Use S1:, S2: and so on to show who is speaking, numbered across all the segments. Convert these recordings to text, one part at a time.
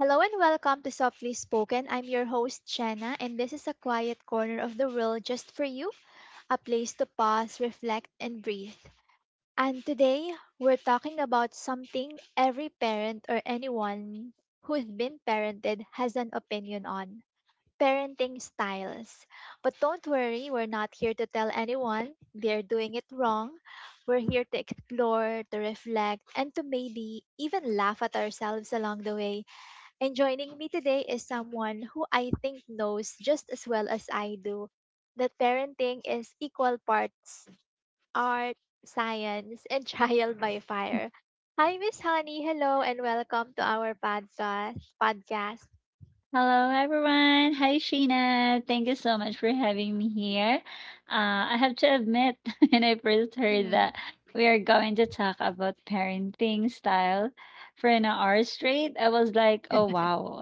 S1: Hello and welcome to Softly Spoken. I'm your host, Shanna, and this is a quiet corner of the world just for you, a place to pause, reflect, and breathe. And today, we're talking about something every parent or anyone who's been parented has an opinion on parenting styles. But don't worry, we're not here to tell anyone they're doing it wrong. We're here to explore, to reflect, and to maybe even laugh at ourselves along the way, and joining me today is someone who I think knows just as well as I do that parenting is equal parts art, science, and trial by fire. Hi, Miss Honey. Hello, and welcome to our podcast.
S2: Hello, everyone. Hi, Sheena. Thank you so much for having me here. I have to admit, when I first heard
S1: Mhm.
S2: that we are going to talk about parenting style for an hour straight, I was like, oh, wow,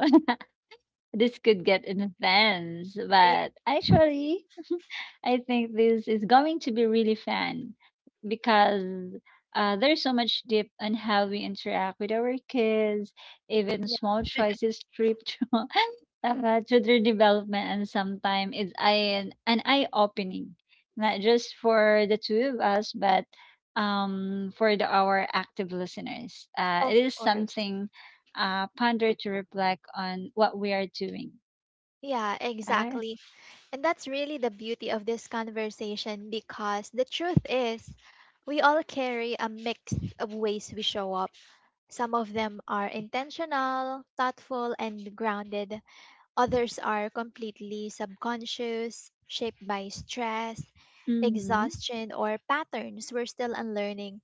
S2: this could get intense.
S1: Yeah,
S2: But actually, I think this is going to be really fun because there's so much depth on how we interact with our kids, even small
S1: yeah,
S2: choices stripped children development, and sometimes it's an eye opening, not just for the two of us, but for the our active listeners.
S1: of
S2: It is
S1: course.
S2: something ponder to reflect on what we are doing.
S1: Yeah,
S2: Uh,
S1: exactly. And that's really the beauty of this conversation, because the truth is, we all carry a mix of ways we show up. Some of them are intentional, thoughtful, and grounded. Others are completely subconscious, shaped by stress,
S2: mm-hmm,
S1: exhaustion, or patterns we're still unlearning.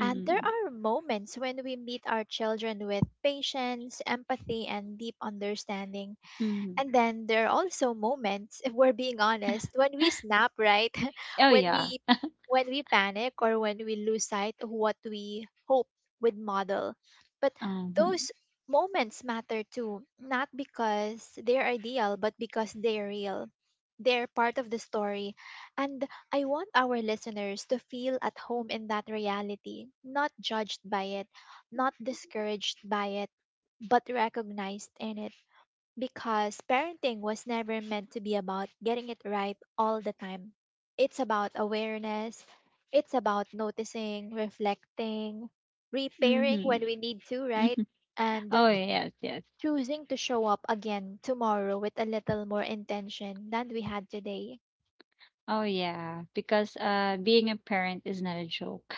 S1: And there are moments when we meet our children with patience, empathy, and deep understanding.
S2: mm-hmm.
S1: And then there are also moments, if we're being honest, when we snap, right?
S2: Oh
S1: when
S2: yeah.
S1: we when we panic, or when we lose sight of what we hope would model. But
S2: Mm-hmm,
S1: those moments matter too, not because they're ideal, but because they're real. They're part of the story. And I want our listeners to feel at home in that reality, not judged by it, not discouraged by it, but recognized in it, because parenting was never meant to be about getting it right all the time. It's about awareness, it's about noticing, reflecting, repairing when we
S2: mm-hmm.
S1: need to, right?
S2: Mm-hmm.
S1: And
S2: Oh yes, yes.
S1: choosing to show up again tomorrow with a little more intention than we had today.
S2: Oh yeah, because being a parent is not a joke.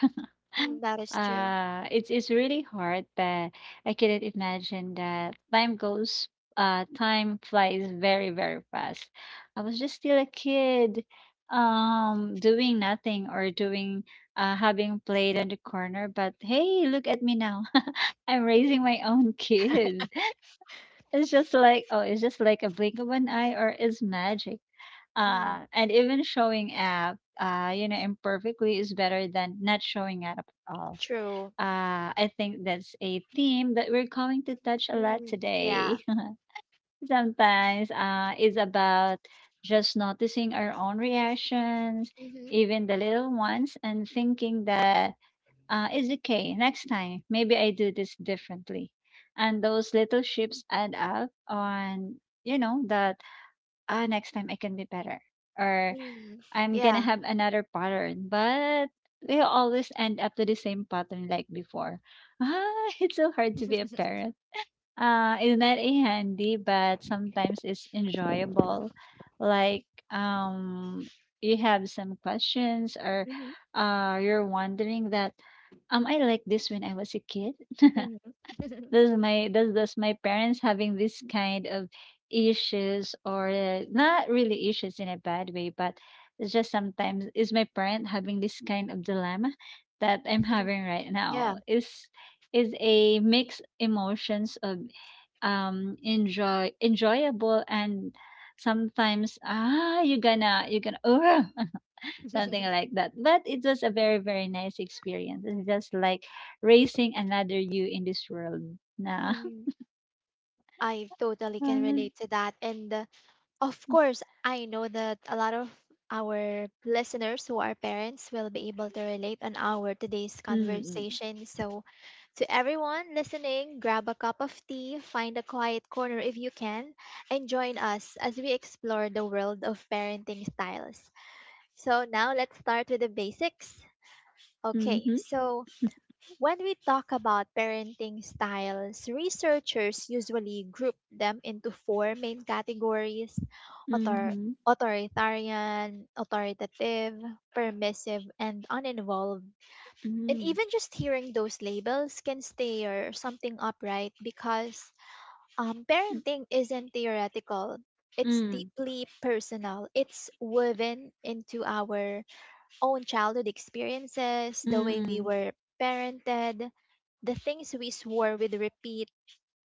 S1: Mm, that is true.
S2: It's really hard, but I couldn't imagine that time flies very, very fast. I was just still a kid, doing nothing or doing having played on the corner, but hey, look at me now. I'm
S1: Mm,
S2: raising my own kid. It's just like, oh, it's just like a blink of an eye, or it's magic.
S1: mm,
S2: And even showing up, imperfectly is better than not showing up at all.
S1: true.
S2: I think that's a theme that we're going to touch a lot
S1: Mm, yeah.
S2: today. Sometimes it's about just noticing our own reactions,
S1: Mm-hmm.
S2: even the little ones, and thinking that it's okay. Next time, maybe I do this differently. And those little ships add up on, that next time I can be better, or
S1: Mm,
S2: I'm gonna
S1: yeah.
S2: have another pattern. But we always end up to the same pattern like before. It's so hard to be a parent. It's not a handy, but sometimes it's enjoyable. Like, um, you have some questions, or
S1: Mm-hmm.
S2: you're wondering that, I like this when I was a kid.
S1: Mm-hmm.
S2: Does my parents having this kind of issues, or not really issues in a bad way, but it's just sometimes is my parent having this kind of dilemma that I'm having right
S1: Yeah.
S2: now? Is a mixed emotions of enjoyable, and sometimes you're gonna, oh, something like that, but it was a very, very nice experience. It's just like raising another you in this world now.
S1: I totally can
S2: Mm-hmm,
S1: relate to that. And of course, I know that a lot of our listeners who are parents will be able to relate on our today's conversation. So, to everyone listening, grab a cup of tea, find a quiet corner if you can, and join us as we explore the world of parenting styles. So, now let's start with the basics. Okay,
S2: mm-hmm,
S1: so when we talk about parenting styles, researchers usually group them into four main categories: author-
S2: mm-hmm,
S1: authoritarian, authoritative, permissive, and uninvolved. And
S2: mm-hmm,
S1: even just hearing those labels can stir something up, right? Because parenting isn't theoretical. It's deeply personal. It's woven into our own childhood experiences, the way we
S2: mm-hmm,
S1: were parented, the things we swore we'd repeat,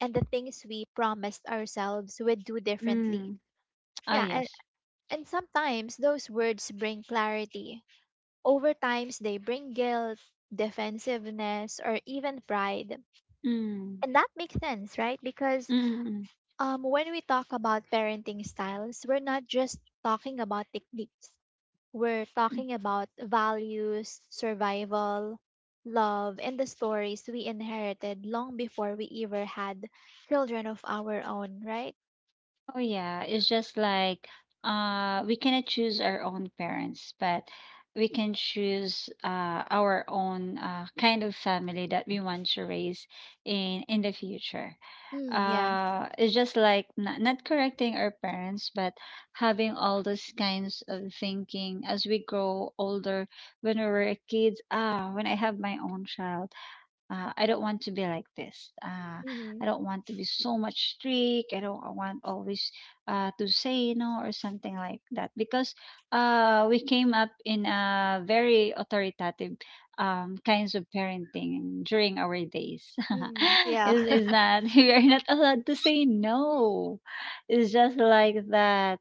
S1: and the things we promised ourselves we'd do differently.
S2: mm-hmm. Oh
S1: Yeah, and,
S2: yes.
S1: and sometimes those words bring clarity. Over times, they bring guilt, defensiveness, or even pride.
S2: Mm-hmm.
S1: And that makes sense, right? Because when we talk about parenting styles, we're not just talking about techniques. We're talking about values, survival, love, and the stories we inherited long before we ever had children of our own, right?
S2: Oh yeah, it's just like we cannot choose our own parents, but we can choose our own kind of family that we want to raise in the future.
S1: Mm, yeah.
S2: It's just like not, not correcting our parents, but having all those kinds of thinking as we grow older. When we were kids, when I have my own child, I don't want to be like this. I
S1: Mm,
S2: don't want to be so much strict. I don't I want always to say no or something like that, because we came up in a very authoritative kinds of parenting during our days.
S1: mm, yeah.
S2: Is that we are not allowed to say no. It's just like that.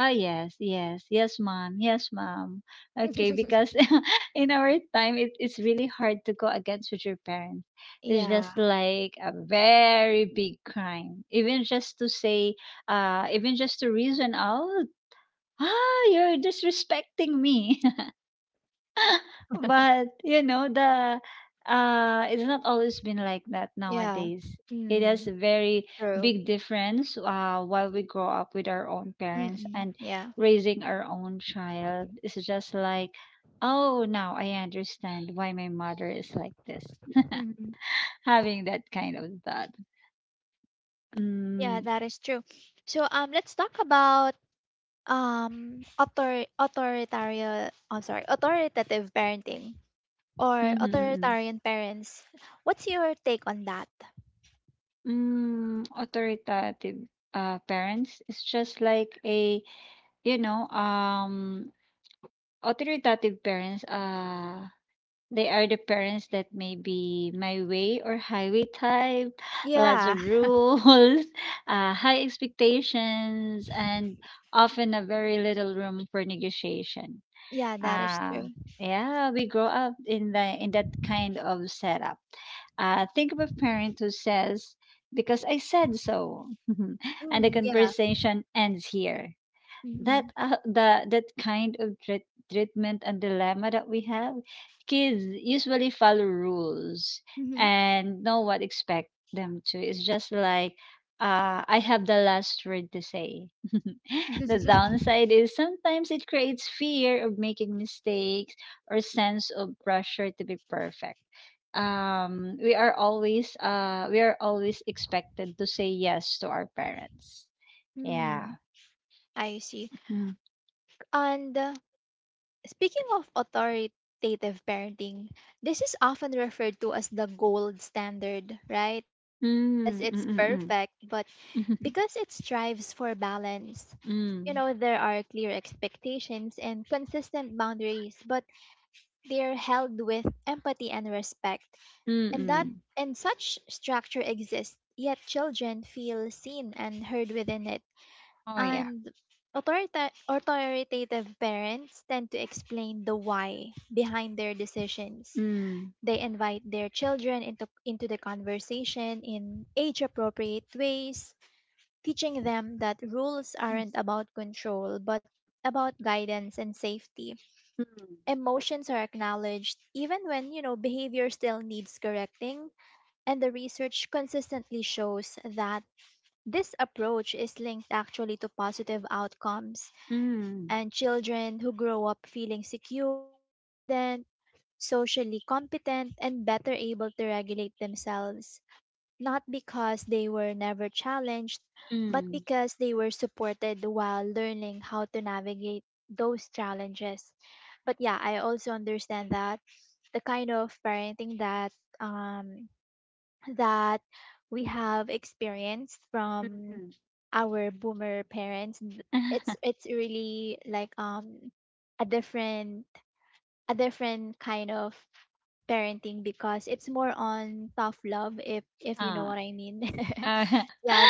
S2: Yes, yes, yes, mom, yes, mom. Okay, because in our time, it's really hard to go against with your parents. It's
S1: Yeah,
S2: just like a very big crime. Even just to say, even just to reason out, you're disrespecting me. But, you know, the it's not always been like that
S1: yeah.
S2: nowadays. It has a
S1: Mm,
S2: very
S1: true.
S2: big difference while we grow up with our own parents
S1: Mm-mm,
S2: and
S1: yeah.
S2: raising our own child. It's just like, oh, now I understand why my mother is like this.
S1: Mm-mm.
S2: Having that kind of thought.
S1: Yeah,
S2: Mm.
S1: that is true. So let's talk about authoritarian, I'm sorry, authoritative parenting. Or
S2: Mm-hmm, mm-hmm.
S1: authoritarian parents. What's your take on that?
S2: Authoritative parents. It's just like a, you know, Authoritative parents, they are the parents that may be my way or highway type, lots
S1: Yeah,
S2: of rules, high expectations, and often a very little room for negotiation.
S1: yeah, that is
S2: Uh,
S1: true.
S2: yeah, we grow up in that kind of setup. Think of a parent who says, "Because I said so," and the
S1: Mm, yeah.
S2: conversation ends here.
S1: Mm-hmm.
S2: That kind of treatment and dilemma that we have, kids usually follow rules
S1: Mm-hmm.
S2: and know what expect them to. It's just like, I have the last word to say. The downside is sometimes it creates fear of making mistakes or sense of pressure to be perfect. We are always expected to say yes to our parents. Yeah.
S1: mm, I see. And speaking of authoritative parenting, this is often referred to as the gold standard, right? Not because
S2: Hmm,
S1: it's
S2: mm, mm.
S1: perfect, but
S2: Hmm,
S1: because it strives for balance. You
S2: mm.
S1: know, there are clear expectations and consistent boundaries, but they are held with empathy and respect,
S2: Mm,
S1: and that
S2: mm.
S1: and such structure exists. Yet children feel seen and heard within it,
S2: Oh, yeah.
S1: and authoritative parents tend to explain the why behind their decisions.
S2: Hmm.
S1: They invite their children into the conversation in age-appropriate ways, teaching them that rules
S2: Mm.
S1: aren't about control but about guidance and safety.
S2: Hmm.
S1: Emotions are acknowledged even when behavior still needs correcting, and the research consistently shows that this approach is linked actually to positive outcomes,
S2: Hmm.
S1: and children who grow up feeling secure, confident, socially competent, and better able to regulate themselves, not because they were never challenged, but
S2: Hmm.
S1: because they were supported while learning how to navigate those challenges. But yeah, I also understand that the kind of parenting that um that we have experienced from
S2: Mm.
S1: our boomer parents, th- it's it's really like a different a different kind of parenting, because it's more on tough love, if you know
S2: Ah,
S1: what I mean.
S2: Oh,
S1: Yeah,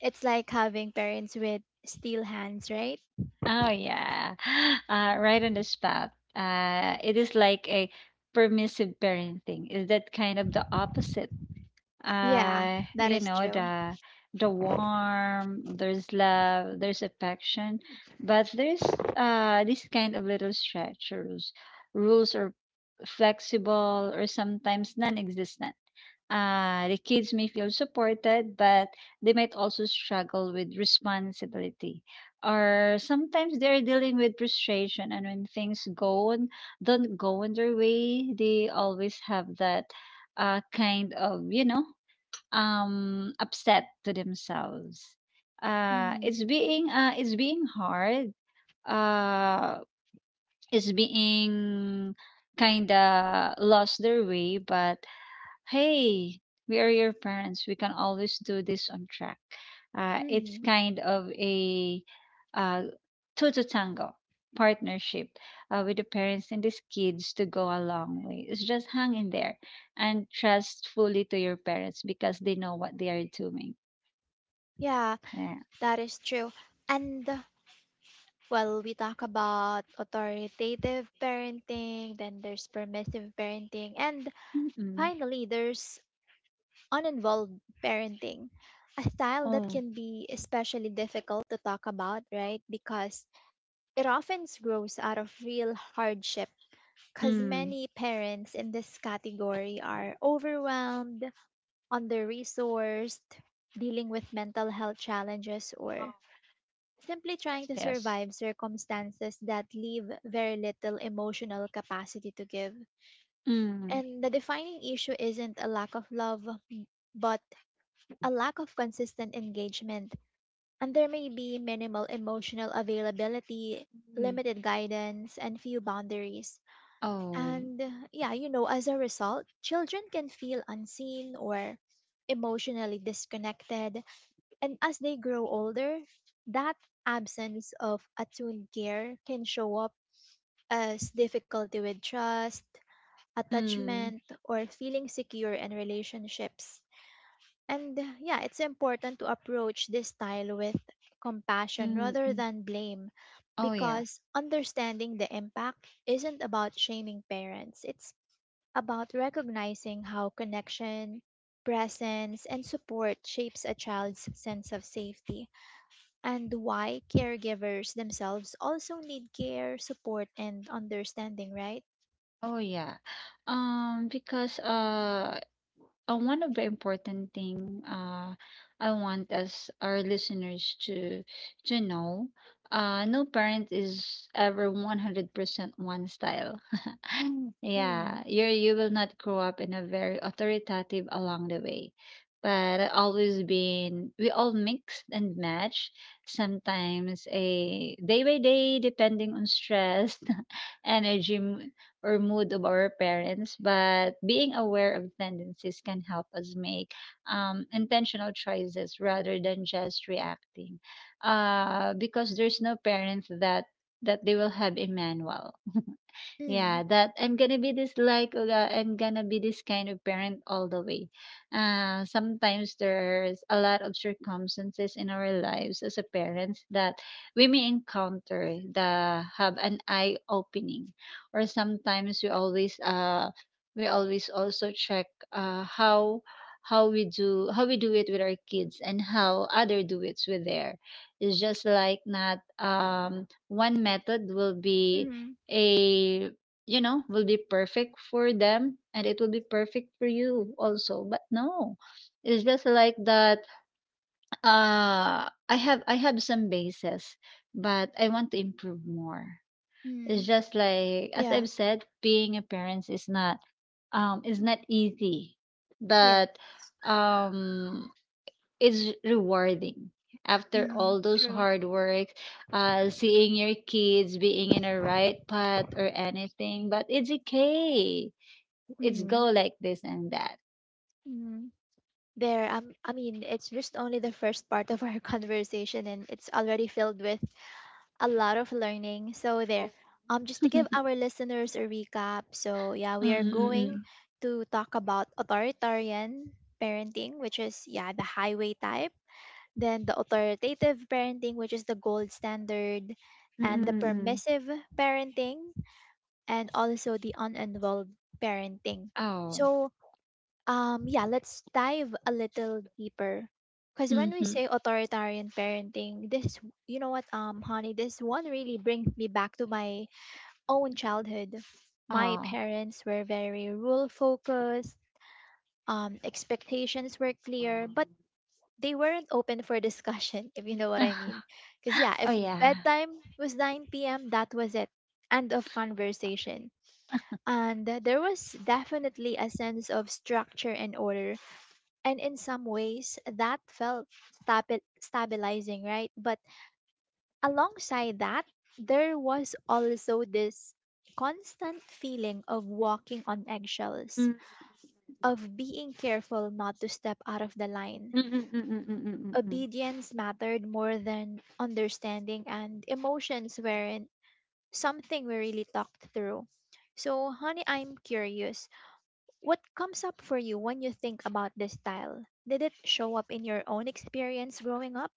S1: it's like having parents with steel hands, right?
S2: oh yeah. Right on the spot. It is like a permissive parenting. Is that kind of the opposite?
S1: Yeah,
S2: uh
S1: that
S2: you
S1: is
S2: know
S1: true.
S2: the the warm, there's love, there's affection, but there's this kind of little stretch. Rules are flexible or sometimes non-existent. The kids may feel supported, but they might also struggle with responsibility, or sometimes they're dealing with frustration, and when things go and don't go in their way, they always have that kind of upset to themselves. Uh,
S1: Hmm.
S2: it's being uh, it's being hard. Uh, it's being kind of lost their way, but hey, we are your parents. We can always do this on track. It's
S1: Hmm.
S2: kind of a uh, two to tango partnership with the parents and these kids to go a long way. It's just hang in there and trust fully to your parents because they know what they are doing.
S1: Yeah,
S2: Yeah.
S1: that is true. And well, we talk about authoritative parenting, then there's permissive parenting, and
S2: Mm-mm.
S1: finally, there's uninvolved parenting, a style that
S2: Oh.
S1: can be especially difficult to talk about, right? Because it often grows out of real hardship, because
S2: Mm.
S1: many parents in this category are overwhelmed, under resourced, dealing with mental health challenges, or
S2: Oh,
S1: simply trying
S2: yes,
S1: to
S2: yes.
S1: survive circumstances that leave very little emotional capacity to give.
S2: Mm.
S1: And the defining issue isn't a lack of love, but a lack of consistent engagement. And there may be minimal emotional availability,
S2: Mm.
S1: limited guidance, and few boundaries.
S2: Oh.
S1: And yeah, as a result, children can feel unseen or emotionally disconnected. And as they grow older, that absence of attuned care can show up as difficulty with trust,
S2: Mm.
S1: attachment, or feeling secure in relationships. And yeah, it's important to approach this style with compassion
S2: Mm.
S1: rather
S2: Mm.
S1: than blame,
S2: Oh, yeah.
S1: because understanding the impact isn't about shaming parents. It's about recognizing how connection, presence, and support shapes a child's sense of safety, and why caregivers themselves also need care, support, and understanding, right?
S2: Oh yeah. Because one of the important thing, I want as our listeners to know, no parent is ever 100% one style.
S1: Mm,
S2: Yeah, you will not grow up in a very authoritative along the way. But I always been we all mix and match, sometimes a day by day depending on stress, energy or mood of our parents, but being aware of tendencies can help us make intentional choices rather than just reacting. Because there's no parent that they will have a manual.
S1: mm,
S2: Yeah, that I'm gonna be this kind of parent all the way. Sometimes there's a lot of circumstances in our lives as a parents that we may encounter that have an eye opening, or sometimes we always also check uh how how we do it with our kids, and how other do it with their it's just like not one method will be
S1: mm,
S2: a perfect for them, and it will be perfect for you also. But no, it's just like that. I have some bases, but I want to improve more. It's
S1: mm.
S2: just like as
S1: Yeah,
S2: I've said, being a parent is not easy, but
S1: yes.
S2: um it's rewarding. After
S1: Mm,
S2: all those
S1: true.
S2: hard work, seeing your kids being in a right path or anything, but it's okay, it's go
S1: Mm,
S2: like this and that.
S1: mm. There, I mean, it's just only the first part of our conversation, and it's already filled with a lot of learning. So there.
S2: Oh.
S1: Just to give our listeners a recap. So yeah, we are going
S2: Mm-mm-mm.
S1: to talk about authoritarian parenting, which is, yeah, the highway type, then the authoritative parenting, which is the gold standard, and the
S2: Mm-mm-mm.
S1: permissive parenting, and also the uninvolved parenting.
S2: Oh.
S1: So yeah, let's dive a little deeper. Because when we
S2: Mm-hmm.
S1: say authoritarian parenting, this is, you know what, honey, this one really brings me back to my own childhood. My
S2: Oh.
S1: parents were very rule focused. Expectations were clear, but they weren't open for discussion, if you know what I mean.
S2: Ah.
S1: Because, yeah,
S2: Oh
S1: if
S2: yeah.
S1: bedtime was 9 p.m., that was it. End of conversation. And there was definitely a sense of structure and order, and in some ways that felt stabilizing, right? But alongside that, there was also this constant feeling of walking on eggshells,
S2: Mm.
S1: of being careful not to step out of the line.
S2: Mm-mm-mm-mm-mm-mm-mm.
S1: Obedience mattered more than understanding, and emotions weren't something we really talked through. So, honey, I'm curious. What comes up for you when you think about this style? Did it show up in your own experience growing up?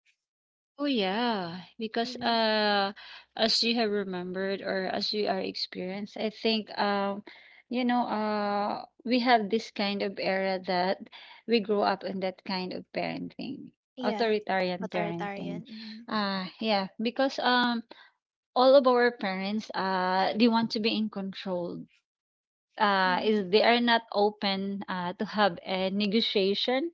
S2: Oh yeah, because
S1: Hmm.
S2: as you have remembered or as you are experienced, I think we have this kind of era that we grow up in that kind of parenting,
S1: Yeah,
S2: authoritarian parenting.
S1: authoritarian. Hmm.
S2: Yeah, because all of our parents they want to be in control.
S1: Hmm.
S2: Is They are not open to have a negotiation.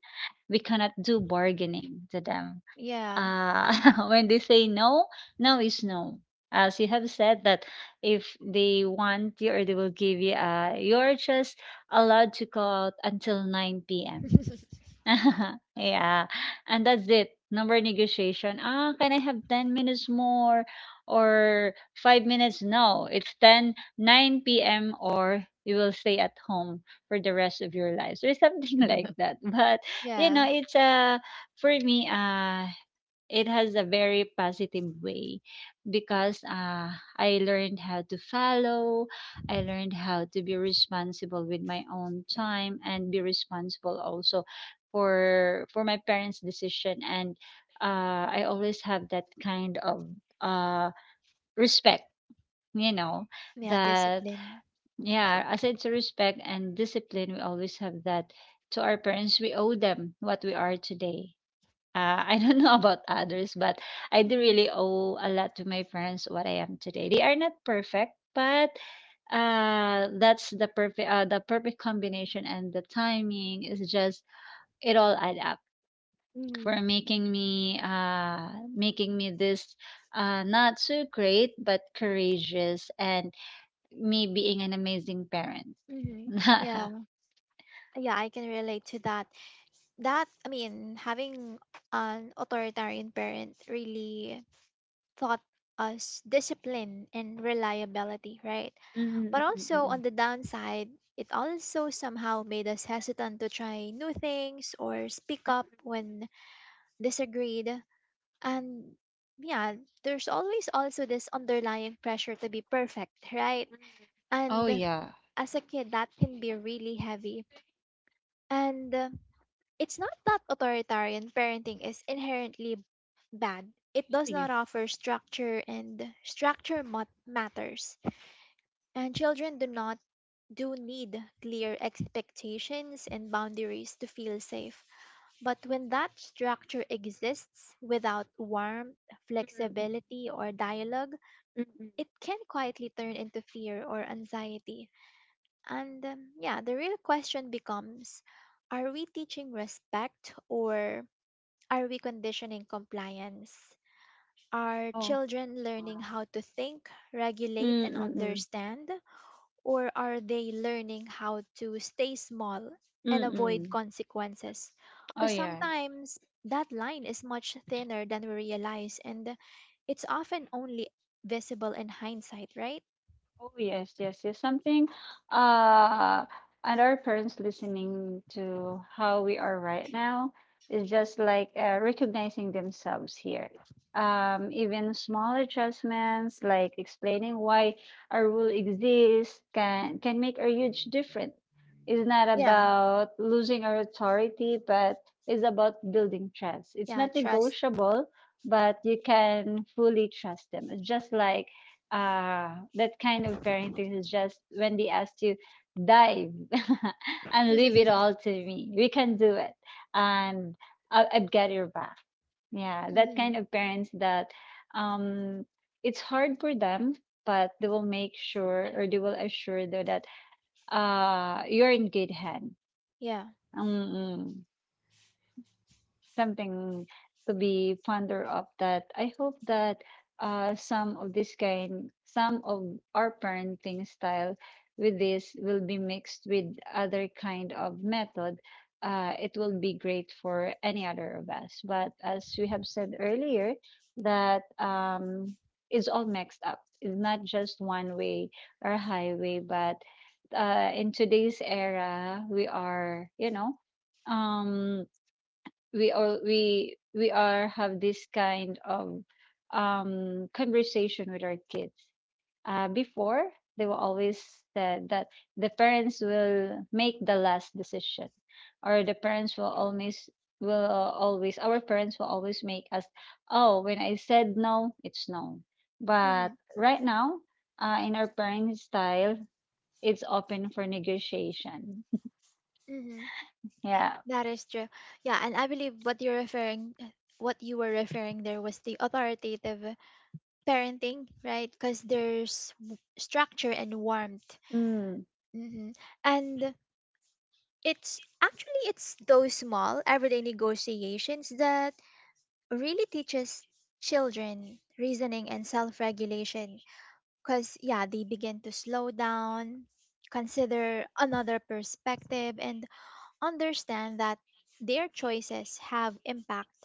S2: We cannot do bargaining to them.
S1: Yeah,
S2: uh when they say no, no is no. As you have said that, if they want you, or they will give you, you're just allowed to go out until 9 p.m. Yeah, and that's it. Number negotiation. Ah, can I have 10 minutes more or 5 minutes? No, it's ten nine p.m. or you will stay at home for the rest of your lives, or something like that. But, you
S1: yeah,
S2: know, it's for me it has a very positive way, because I learned how to follow, I learned how to be responsible with my own time and be responsible also for my parents' decision, and I always have that kind of uh, respect. You know,
S1: yeah,
S2: that
S1: discipline.
S2: Yeah, aside to respect and discipline, we always have that to our parents. We owe them what we are today. I don't know about others, but I do
S1: Hmm.
S2: really owe a lot to my parents what I am today. They are not perfect, but that's the perfect combination, and the timing is just it all add up
S1: Hmm.
S2: for making me this not so great but courageous and me being an amazing parent.
S1: Hmm. Yeah, yeah, I can relate to that. That, I mean, having an authoritarian parent really taught us discipline and reliability, right? But also
S2: Mm-mm-mm-mm.
S1: on the downside, it also somehow made us hesitant to try new things or speak up when disagreed. And yeah, there's always also this underlying pressure to be perfect, right?
S2: Oh
S1: And
S2: yeah.
S1: as a kid, that can be really heavy. And it's not that authoritarian parenting is inherently bad. It
S2: Oh,
S1: does
S2: yeah.
S1: not offer structure, and structure matters. And children do not do need clear expectations and boundaries to feel safe. But when that structure exists without warmth, flexibility, or dialogue,
S2: Mm-mm-mm.
S1: it can quietly turn into fear or anxiety. And yeah, the real question becomes, are we teaching respect, or are we conditioning compliance? Are
S2: Oh.
S1: children learning how to think, regulate, and
S2: Mm-mm.
S1: understand? Or are they learning how to stay small and avoid
S2: Mm.
S1: consequences?
S2: Oh,
S1: Because
S2: yeah.
S1: sometimes that line is much thinner than we realize, and it's often only visible in hindsight, right?
S2: Oh, yes, yes, yes. Something, uh, and our parents listening to how we are right now is just like recognizing themselves here. Even small adjustments, like explaining why a rule exists, can make a huge difference. It's not
S1: Yeah.
S2: about losing our authority, but it's about building trust. It's
S1: Yeah,
S2: not
S1: trust.
S2: negotiable, but you can fully trust them. It's just like that kind of parenting is just when they ask you dive, and leave it all to me, we can do it. And I'll get your back, yeah, that
S1: Hmm.
S2: kind of parents that um it's hard for them, but they will make sure or they will assure though that you're in good hand.
S1: Yeah.
S2: Mm-mm. Something to be fonder of, that I hope that some of our parenting style with this will be mixed with other kind of method. It will be great for any other of us, but as we have said earlier that it's all mixed up, it's not just one way or highway, but in today's era we are you know um we all we are have this kind of conversation with our kids before. They were always said that the parents will make the last decision, or the parents will always our parents will always make us, oh, when I said no, it's no. But
S1: Hmm.
S2: right now, in our parents style, it's open for negotiation.
S1: Hmm.
S2: Yeah.
S1: That is true. Yeah, and I believe what you were referring there was the authoritative parenting, right? Because there's structure and warmth.
S2: Mm.
S1: Hmm. And it's actually, it's those small everyday negotiations that really teaches children reasoning and self-regulation, because yeah, they begin to slow down, consider another perspective, and understand that their choices have impact.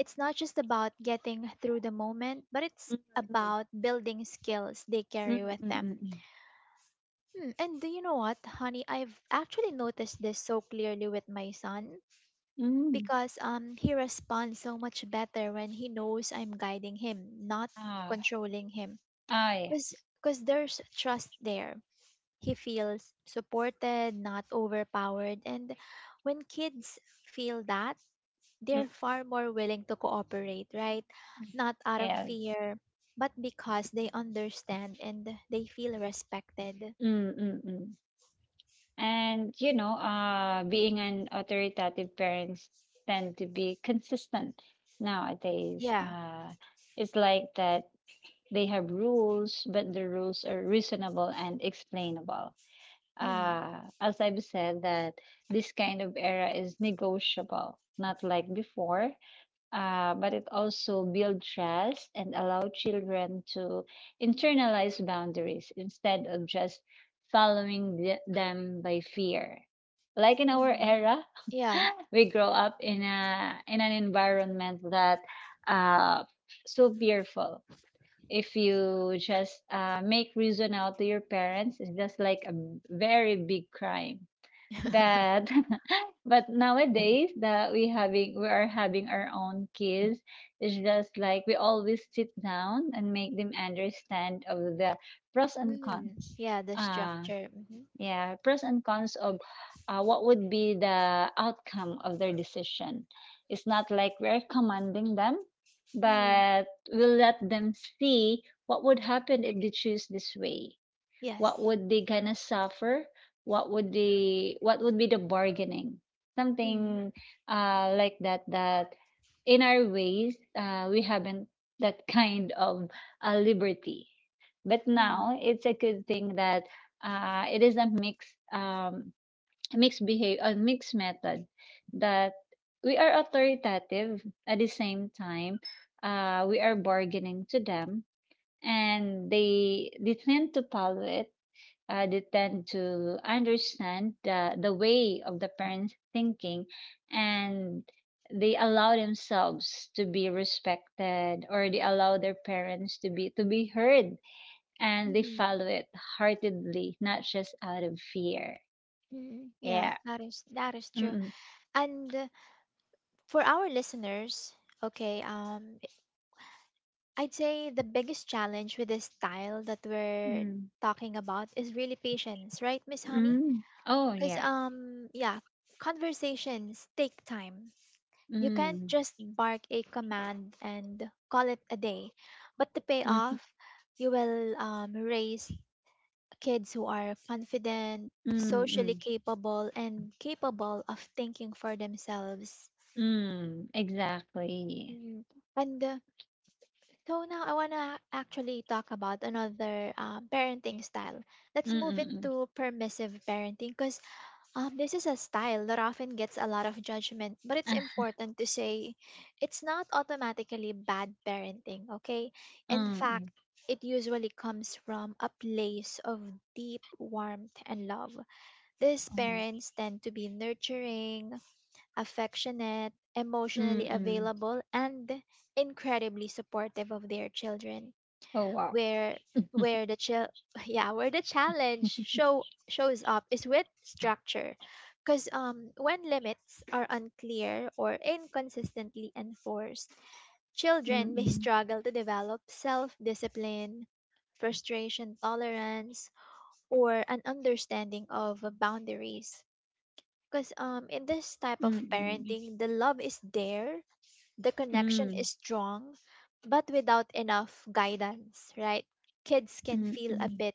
S1: It's not just about getting through the moment, but it's about building skills they
S2: Mm,
S1: carry
S2: mm,
S1: with
S2: mm, mm,
S1: them.
S2: mm,
S1: Hmm, and do you know what, honey? I've actually noticed this so clearly with my son,
S2: mm.
S1: because he responds so much better when he knows I'm guiding him, not
S2: Ah,
S1: controlling him.
S2: ah,
S1: Cause
S2: yes.
S1: 'cause there's trust there. He feels supported, not overpowered, and when kids feel that,
S2: Mm.
S1: they're far more willing to cooperate, right? Not out of
S2: Yes.
S1: fear, but because they understand and they feel respected.
S2: Mm, mm. Mm. And being an authoritative parents tend to be consistent nowadays.
S1: Yeah.
S2: It's like that they have rules, but the rules are reasonable and explainable.
S1: Mm,
S2: As I've said, that this kind of era is negotiable, not like before, but it also build trust and allow children to internalize boundaries instead of just following them by fear. Like in our
S1: mm,
S2: era,
S1: yeah.
S2: we grow up in a in an environment that uh, so fearful. If you just make reason out to your parents, it's just like a very big crime that. But nowadays that we are having our own kids, it's just like we always sit down and make them understand of the pros and
S1: Mm,
S2: cons.
S1: yeah, the
S2: uh
S1: structure.
S2: yeah, pros and cons of what would be the outcome of their decision. It's not like we're commanding them,
S1: Hmm
S2: but we'll let them see what would happen if they choose this way, what
S1: Yes.
S2: would they gonna suffer, what would be the bargaining,
S1: Mm-hmm.
S2: something like that. That in our ways, we haven't that kind of liberty, but
S1: Mhm,
S2: now it's a good thing that it is a mixed behavior, a mixed method, that we are authoritative at the same time, we are bargaining to them, and they tend to follow it. They tend to understand the way of the parents thinking, and they allow themselves to be respected, or they allow their parents to be heard, and they
S1: mhm,
S2: follow it heartedly, not just out of fear.
S1: mhm. Yeah,
S2: Yeah.
S1: that is true.
S2: Mm.
S1: And For our listeners, okay, I'd say the biggest challenge with this style that we're
S2: Mm.
S1: talking about is really patience, right, Miss Honey?
S2: Mm. Oh
S1: Because
S2: yeah.
S1: yeah, conversations take time. You can't
S2: Mm.
S1: just bark a command and call it a day, but the
S2: Mm.
S1: payoff, you will raise kids who are confident,
S2: Mm.
S1: socially
S2: Mm,
S1: capable, and capable of thinking for themselves.
S2: mm. Exactly.
S1: Mm. And So now I want to actually talk about another parenting style.
S2: Mm.
S1: Let's move
S2: Mm. Mm.
S1: into permissive parenting because this is a style that often gets a lot of judgment, but it's
S2: Ah.
S1: important to say it's not automatically bad parenting, okay? In
S2: Mm.
S1: fact,
S2: Mm.
S1: it usually comes from a place of deep warmth and love. These
S2: Mm.
S1: parents tend to be nurturing, affectionate,
S2: Mm.
S1: emotionally
S2: Mm.
S1: available, and incredibly supportive of their children.
S2: Oh wow.
S1: Where where the yeah, where the challenge show shows up is with structure. Because when limits are unclear or inconsistently enforced,
S2: Mm.
S1: children may
S2: Mm.
S1: struggle to develop self discipline, frustration tolerance, or an understanding of boundaries. Because in this type of
S2: Mm,
S1: parenting, the love is there, the connection
S2: mm,
S1: is strong, but without enough guidance, right? Kids can feel a
S2: mm.
S1: bit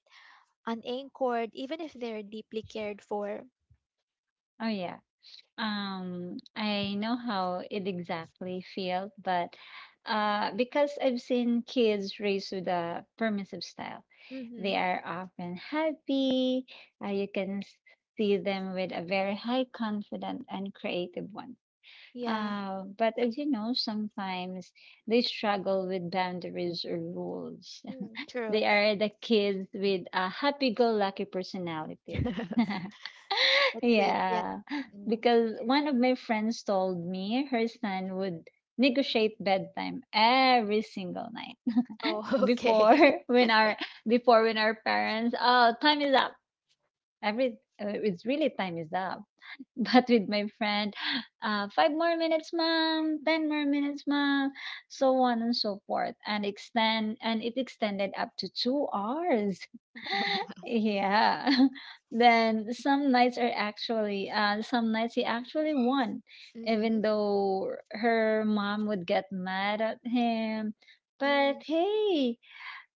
S1: unanchored, even if they're deeply cared for.
S2: Oh yeah. I know how it exactly feels, but because I've seen kids raised with a permissive style, they
S1: Mm-hmm.
S2: are often happy. You can see them with a very high confident and creative one.
S1: Yeah,
S2: But as you know, sometimes they struggle with boundaries or rules.
S1: mm, true.
S2: They are the kids with a happy-go-lucky personality.
S1: That's it. Yeah.
S2: Yeah,
S1: Mm.
S2: because one of my friends told me her son would negotiate bedtime every single night
S1: Oh,
S2: before,
S1: okay.
S2: when our parents, oh, time is up. Every uh, it's really time is up. But with my friend, 5 more minutes mom, 10 more minutes mom, so on and so forth, and extend and it extended up to 2 hours. Yeah. Then some nights he actually won,
S1: Mm-hmm.
S2: even though her mom would get mad at him. But
S1: Mm-hmm.
S2: hey,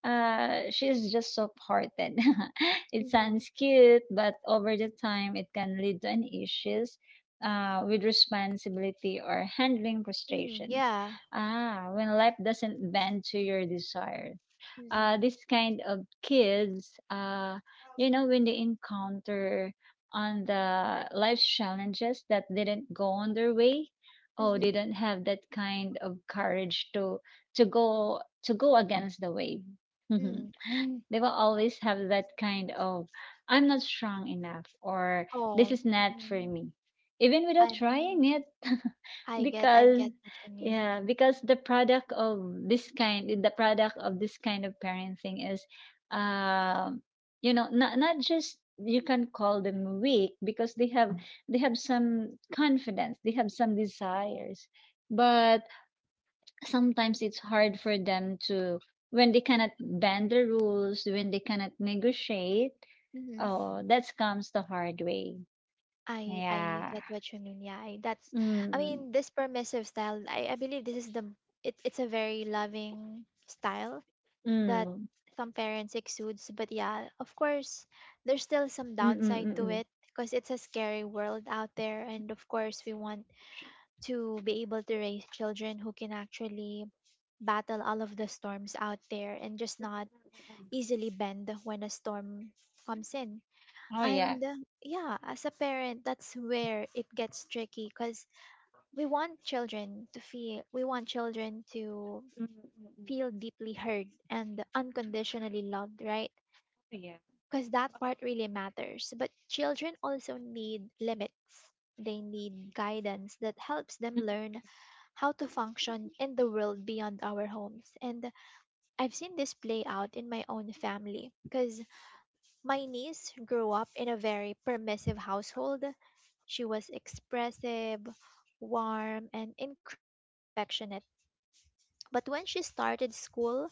S2: she's just soft-hearted. It
S1: Mm-hmm.
S2: sounds cute, but over the time it can lead to an issues with responsibility or handling
S1: Mm,
S2: frustrations.
S1: yeah.
S2: Ah, when life doesn't bend to your desires,
S1: Mm-hmm.
S2: this kind of kids, when they encounter on the life's challenges that didn't go on their way, oh,
S1: Mm-hmm.
S2: they don't have that kind of courage to to go against the wave. Mhm.
S1: Mm.
S2: They will always have that kind of I'm not strong enough, or this
S1: Oh,
S2: is not for
S1: mm.
S2: me, even without
S1: I,
S2: trying
S1: mm,
S2: it.
S1: I
S2: Because,
S1: get what you mean.
S2: yeah, because the product of this kind of parenting is, um, not just, you can call them weak, because they have some confidence, they have some desires, but sometimes it's hard for them to when they cannot bend the rules, when they cannot negotiate.
S1: Mm-hmm.
S2: Oh, that comes the hard way.
S1: I
S2: Yeah.
S1: get what you mean. Yeah, that's. I
S2: Mm,
S1: mean, this permissive style. I believe this is the. It's a very loving style that
S2: mm,
S1: some parents exudes. But yeah, of course, there's still some
S2: mm, mm,
S1: downside
S2: mm,
S1: to
S2: mm.
S1: it because it's a scary world out there, and of course, we want to be able to raise children who can actually battle all of the storms out there and just not easily bend when a storm comes in
S2: Oh yeah.
S1: and yeah, as a parent, that's where it gets tricky because we want children to feel, we want children to
S2: Mm, mm, mm.
S1: feel deeply heard and unconditionally loved, right?
S2: Yeah.
S1: Because that
S2: Oh,
S1: part really matters. But children also need limits. They need guidance that helps them
S2: mm,
S1: learn how to function in the world beyond our homes. And I've seen this play out in my own family because my niece grew up in a very permissive household. She was expressive, warm, and incredibly affectionate. But when she started school,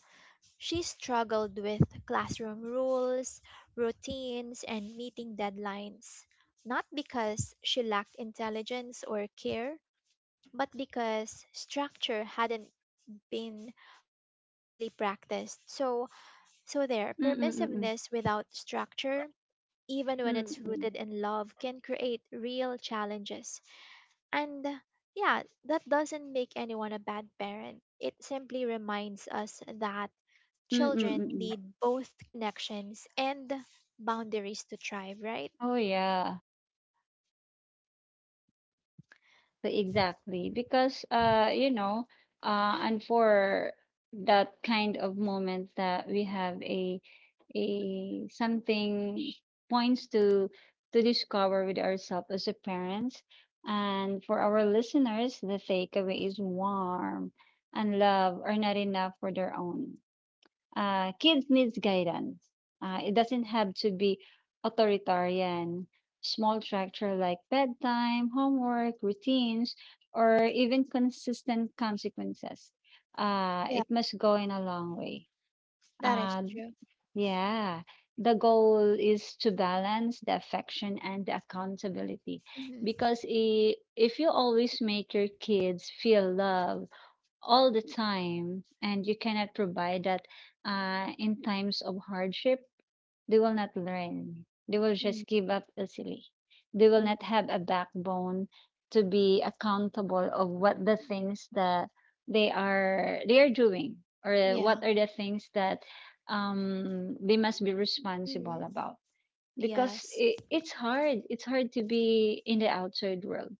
S1: she struggled with classroom rules, routines, and meeting deadlines. Not because she lacked intelligence or care, but because structure hadn't been consistently practiced. So, so there,
S2: mm, mm,
S1: permissiveness without structure, even when
S2: mm,
S1: it's
S2: mm,
S1: rooted in love, can create real challenges. And Yeah, that doesn't make anyone a bad parent. It simply reminds us that
S2: mm, mm,
S1: children
S2: mm.
S1: need both connections and boundaries to thrive, right?
S2: Oh, yeah. Exactly, exactly. And for that kind of moment that we have a something, points to discover with ourselves as a parents. And for our listeners, the takeaway is warm and love are not enough for their own. Kids needs guidance. It doesn't have to be authoritarian. Small structure like bedtime, homework, routines, or even consistent consequences. Uh,
S1: Yeah,
S2: it must go in a long way.
S1: that is
S2: Uh,
S1: true.
S2: yeah, the goal is to balance the affection and the accountability,
S1: Mhm.
S2: because if you always make your kids feel loved all the time and you cannot provide that in times of hardship, they will not learn. They will just
S1: mm
S2: give up easily. They will
S1: mm
S2: not have a backbone to be accountable of what the things that they are doing, or
S1: Yeah.
S2: what are the things that they must be responsible
S1: mm
S2: about, because
S1: Yes,
S2: it's hard to be in the outside world,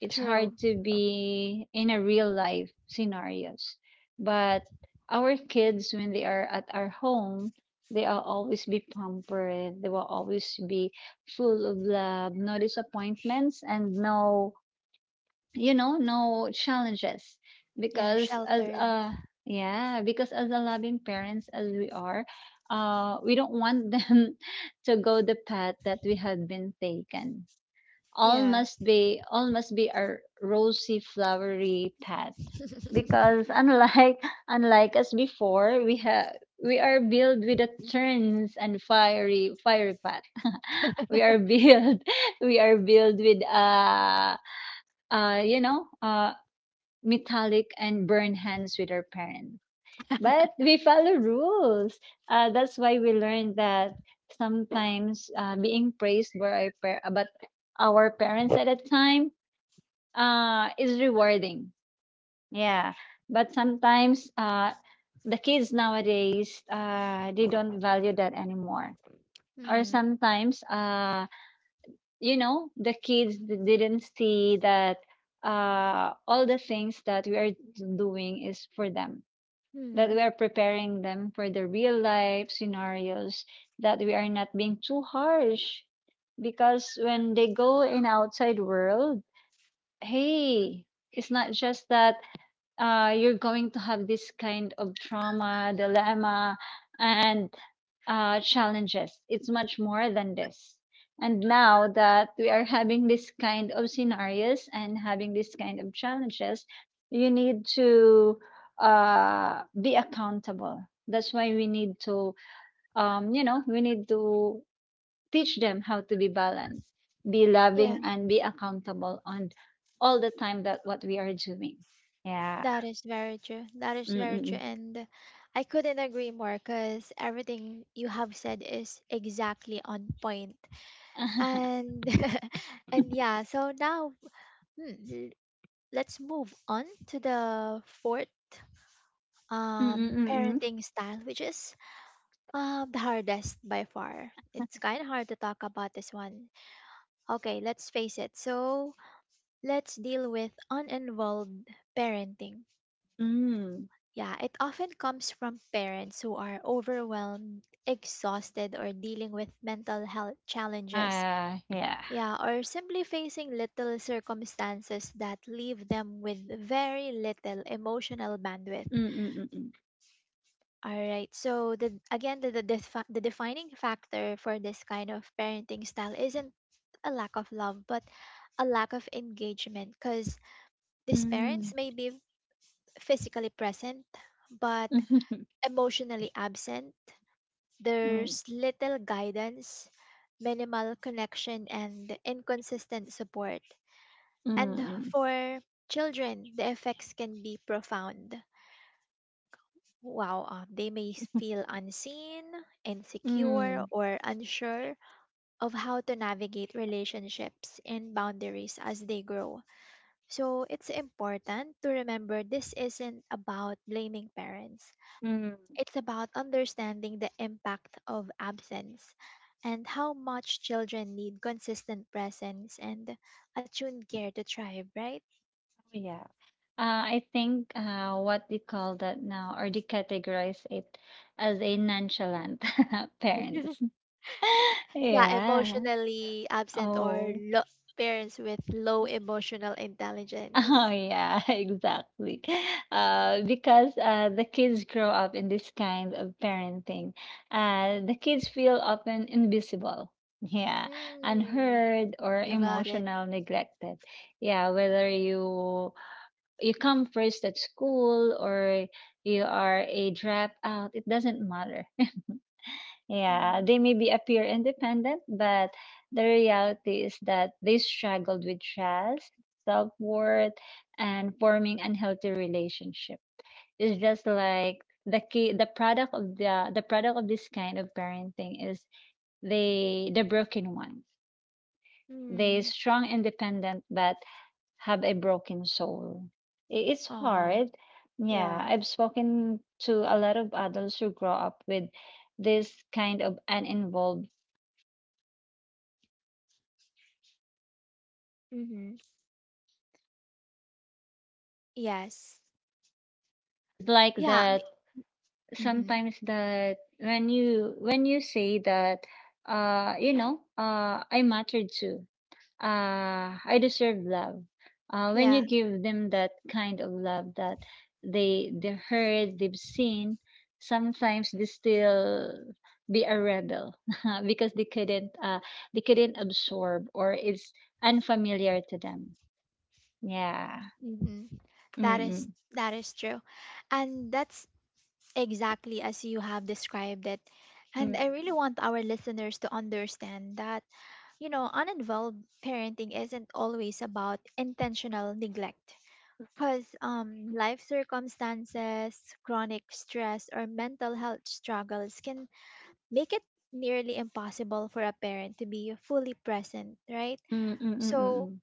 S2: it's hard
S1: true.
S2: to be in a real life scenarios. But our kids, when they are at our home, they will always be pampered. They will always be full of love, no disappointments, and no, no challenges.
S1: Yeah,
S2: Because as
S1: sheltered.
S2: a yeah, because as a loving parents as we are, we don't want them to go the path that we had been taken. all
S1: Yeah.
S2: must be all must be a rosy flowery path, because unlike unlike us before, we are built with the turns and fiery fiery path. We are built we are built with uh you know uh metallic and burn hands with our parents, but we follow rules. That's why we learned that sometimes, being praised by our parents at a time is rewarding. Yeah. But sometimes, the kids nowadays, they don't value that anymore. Or
S1: mm
S2: sometimes, the kids didn't see that all the things that we are doing is for them, that we
S1: mm.
S2: are preparing them for the real life scenarios, that we are not being too harsh. Because when they go in outside world, hey, it's not just that you're going to have this kind of trauma, dilemma, and challenges. It's much more than this. And now that we are having this kind of scenarios and having this kind of challenges, you need to be accountable. That's why we need to teach them how to be balanced, be
S1: Yeah.
S2: loving, and be accountable on all the time that what we are doing. Yeah.
S1: That is very true. That is very true.
S2: Mm-mm.
S1: And I couldn't agree more because everything you have said is exactly on point. And and yeah, so now hmm, l- let's move on to the fourth
S2: Mm, mm, mm.
S1: parenting style, which is the hardest by far. It's kind of hard to talk about this one. Okay, let's face it. So let's deal with uninvolved parenting.
S2: Hmm.
S1: Yeah, it often comes from parents who are overwhelmed, exhausted, or dealing with mental health challenges.
S2: Ah, yeah.
S1: Yeah, or simply facing little circumstances that leave them with very little emotional bandwidth.
S2: Mm, mm, mm,
S1: All right, so again, the defining factor for this kind of parenting style isn't a lack of love, but a lack of engagement because these
S2: mm.
S1: parents
S2: Mm.
S1: may be physically present but emotionally absent.
S2: Mm,
S1: There's little guidance, minimal connection, and inconsistent support. And
S2: mm,
S1: for children, the effects can be profound. Wow, they may feel unseen, insecure,
S2: mm.
S1: or unsure of how to navigate relationships and boundaries as they grow. So it's important to remember this isn't about blaming parents.
S2: Mm. Oh,
S1: It's about understanding the impact of absence and how much children need consistent presence and attuned care to thrive, right?
S2: yeah. Uh, I think what they call that now, or they categorize it as a nonchalant, parents.
S1: yeah,
S2: Yeah.
S1: emotionally absent or
S2: Oh.
S1: parents with low emotional
S2: Oh
S1: intelligence.
S2: yeah, exactly. Because the kids grow up in this kind of parenting. The kids feel often invisible, yeah,
S1: Mm,
S2: unheard or
S1: you got it.
S2: emotional neglected. Yeah, whether you come first at school or you are a dropout, it doesn't matter. Yeah,
S1: Mm,
S2: they maybe appear independent, but the reality is that they struggled with trust, self worth, and forming unhealthy relationship. It's just like the key, the product of the product of this kind of parenting is, they the broken ones. They
S1: mm,
S2: strong, independent, but have a broken soul. It's
S1: oh,
S2: hard. Yeah,
S1: yeah.
S2: I've spoken to a lot of adults who grow up with this kind of uninvolved.
S1: Mhm, yes.
S2: It's like
S1: Yeah.
S2: that
S1: Me, mhm.
S2: sometimes that when you say that I matter too, I deserve love, when you
S1: Yeah.
S2: give them that kind of love, that they heard, they've seen. Sometimes they still be a rebel because they couldn't absorb, or it's unfamiliar to them. Yeah.
S1: hmm That is
S2: Mm,
S1: that is true, and that's exactly as you have described it. And
S2: mm,
S1: I really want our listeners to understand that, you know, uninvolved parenting isn't always about intentional neglect. Because life circumstances, chronic stress, or mental health struggles can make it nearly impossible for a parent to be fully present, right?
S2: mm, mm, mm, mm, mm,
S1: So,
S2: mm,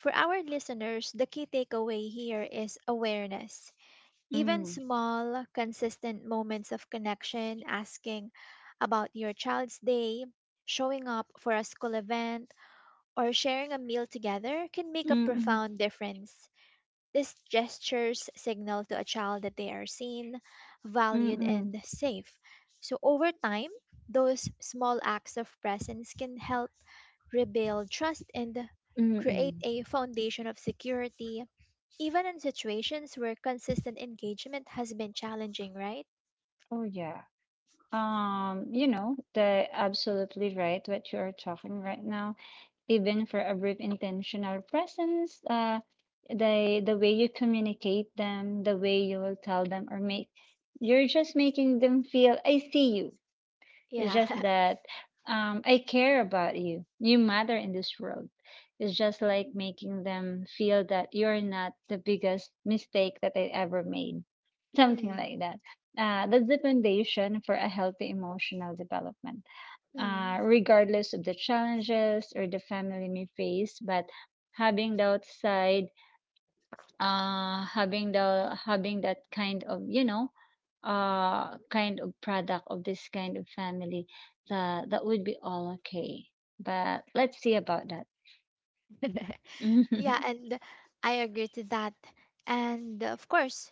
S1: for our listeners, the key takeaway here is awareness, even
S2: mm.
S1: small, consistent moments of connection, asking about your child's day, showing up for a school event, or sharing a meal together can make a
S2: Mm-mm,
S1: profound difference. These gestures signal to a child that they are seen, valued,
S2: mm-mm,
S1: and safe. So, over time, those small acts of presence can help rebuild trust and create
S2: mm-mm.
S1: a foundation of security, even in situations where consistent engagement has been challenging, right?
S2: Oh yeah. The absolutely right what you are talking right now. Even for a brief intentional presence, the way you communicate them, the way you will tell them or make, you're just making them feel I see you. It's
S1: Yeah.
S2: just that I care about you. You matter in this world. It's just like making them feel that you're not the biggest mistake that they ever made. Something
S1: mm,
S2: like that. That's the foundation for a healthy emotional development,
S1: mm.
S2: regardless of the challenges or the family may face. But having the outside, having that kind of, kind of product of this kind of family, that would be all okay, but let's see about that. Mm-mm,
S1: Yeah, and I agree to that. And of course,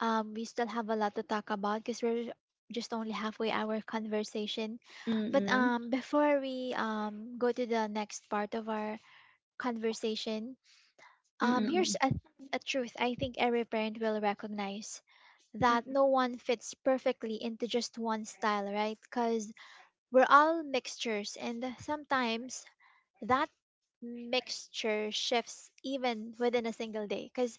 S1: we still have a lot to talk about because we're just only halfway our conversation. But
S2: mm-mm,
S1: before we go to the next part of our conversation, here's
S2: mm-mm,
S1: a truth I think every parent will recognize, that no
S2: mm-mm.
S1: one fits perfectly into just one style, right? Because we're all mixtures, and sometimes that mixture shifts even within a single day. Because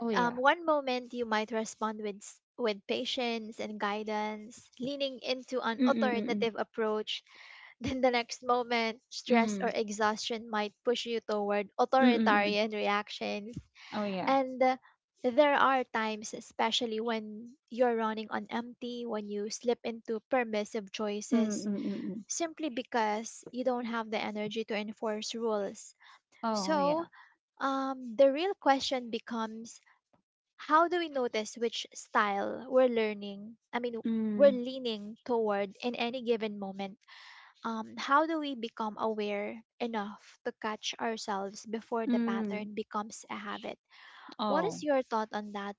S2: Oh yeah.
S1: one moment you might respond with with patience and guidance, leaning into an
S2: Mm-mm, mm-mm,
S1: authoritative approach, then the next moment stress
S2: mm,
S1: or exhaustion might push you toward
S2: mm-mm.
S1: authoritarian reactions
S2: Oh yeah.
S1: and there are times, especially when you're running on empty, when you slip into permissive
S2: Mm,
S1: choices
S2: mm.
S1: simply because you don't have the energy to enforce rules.
S2: Oh
S1: So,
S2: yeah.
S1: the real question becomes how do we notice which style we're learning? I mean, we're
S2: Mm,
S1: leaning toward in any given moment. How do we become aware enough to catch ourselves before the
S2: mm.
S1: pattern becomes a habit? What
S2: Oh.
S1: is your thought on that?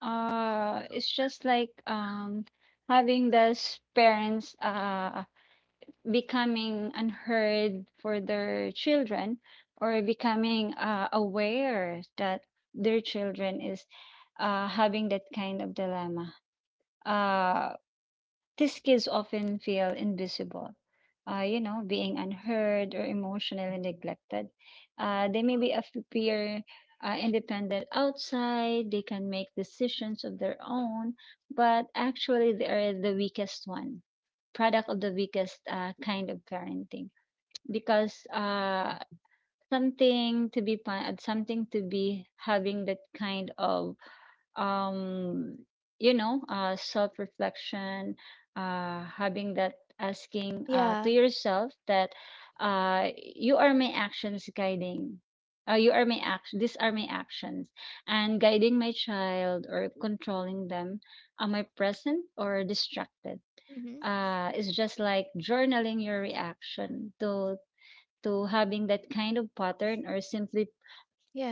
S2: It's just like having those parents becoming unheard for their children, or becoming aware that their children is having that kind of dilemma. Uh, these kids often feel invisible, being unheard or emotionally neglected. They may be appear independent outside, they can make decisions of their own, but actually they are the weakest one, product of the weakest kind of parenting, because something to be fun, something to be having that kind of, um, self-reflection, having that, asking to
S1: Yeah.
S2: yourself that, you are my actions guiding. You are my action. These are my actions, and guiding my child or controlling them. Am I present or distracted?
S1: hmm
S2: It's just like journaling your reaction to having that kind of pattern, or simply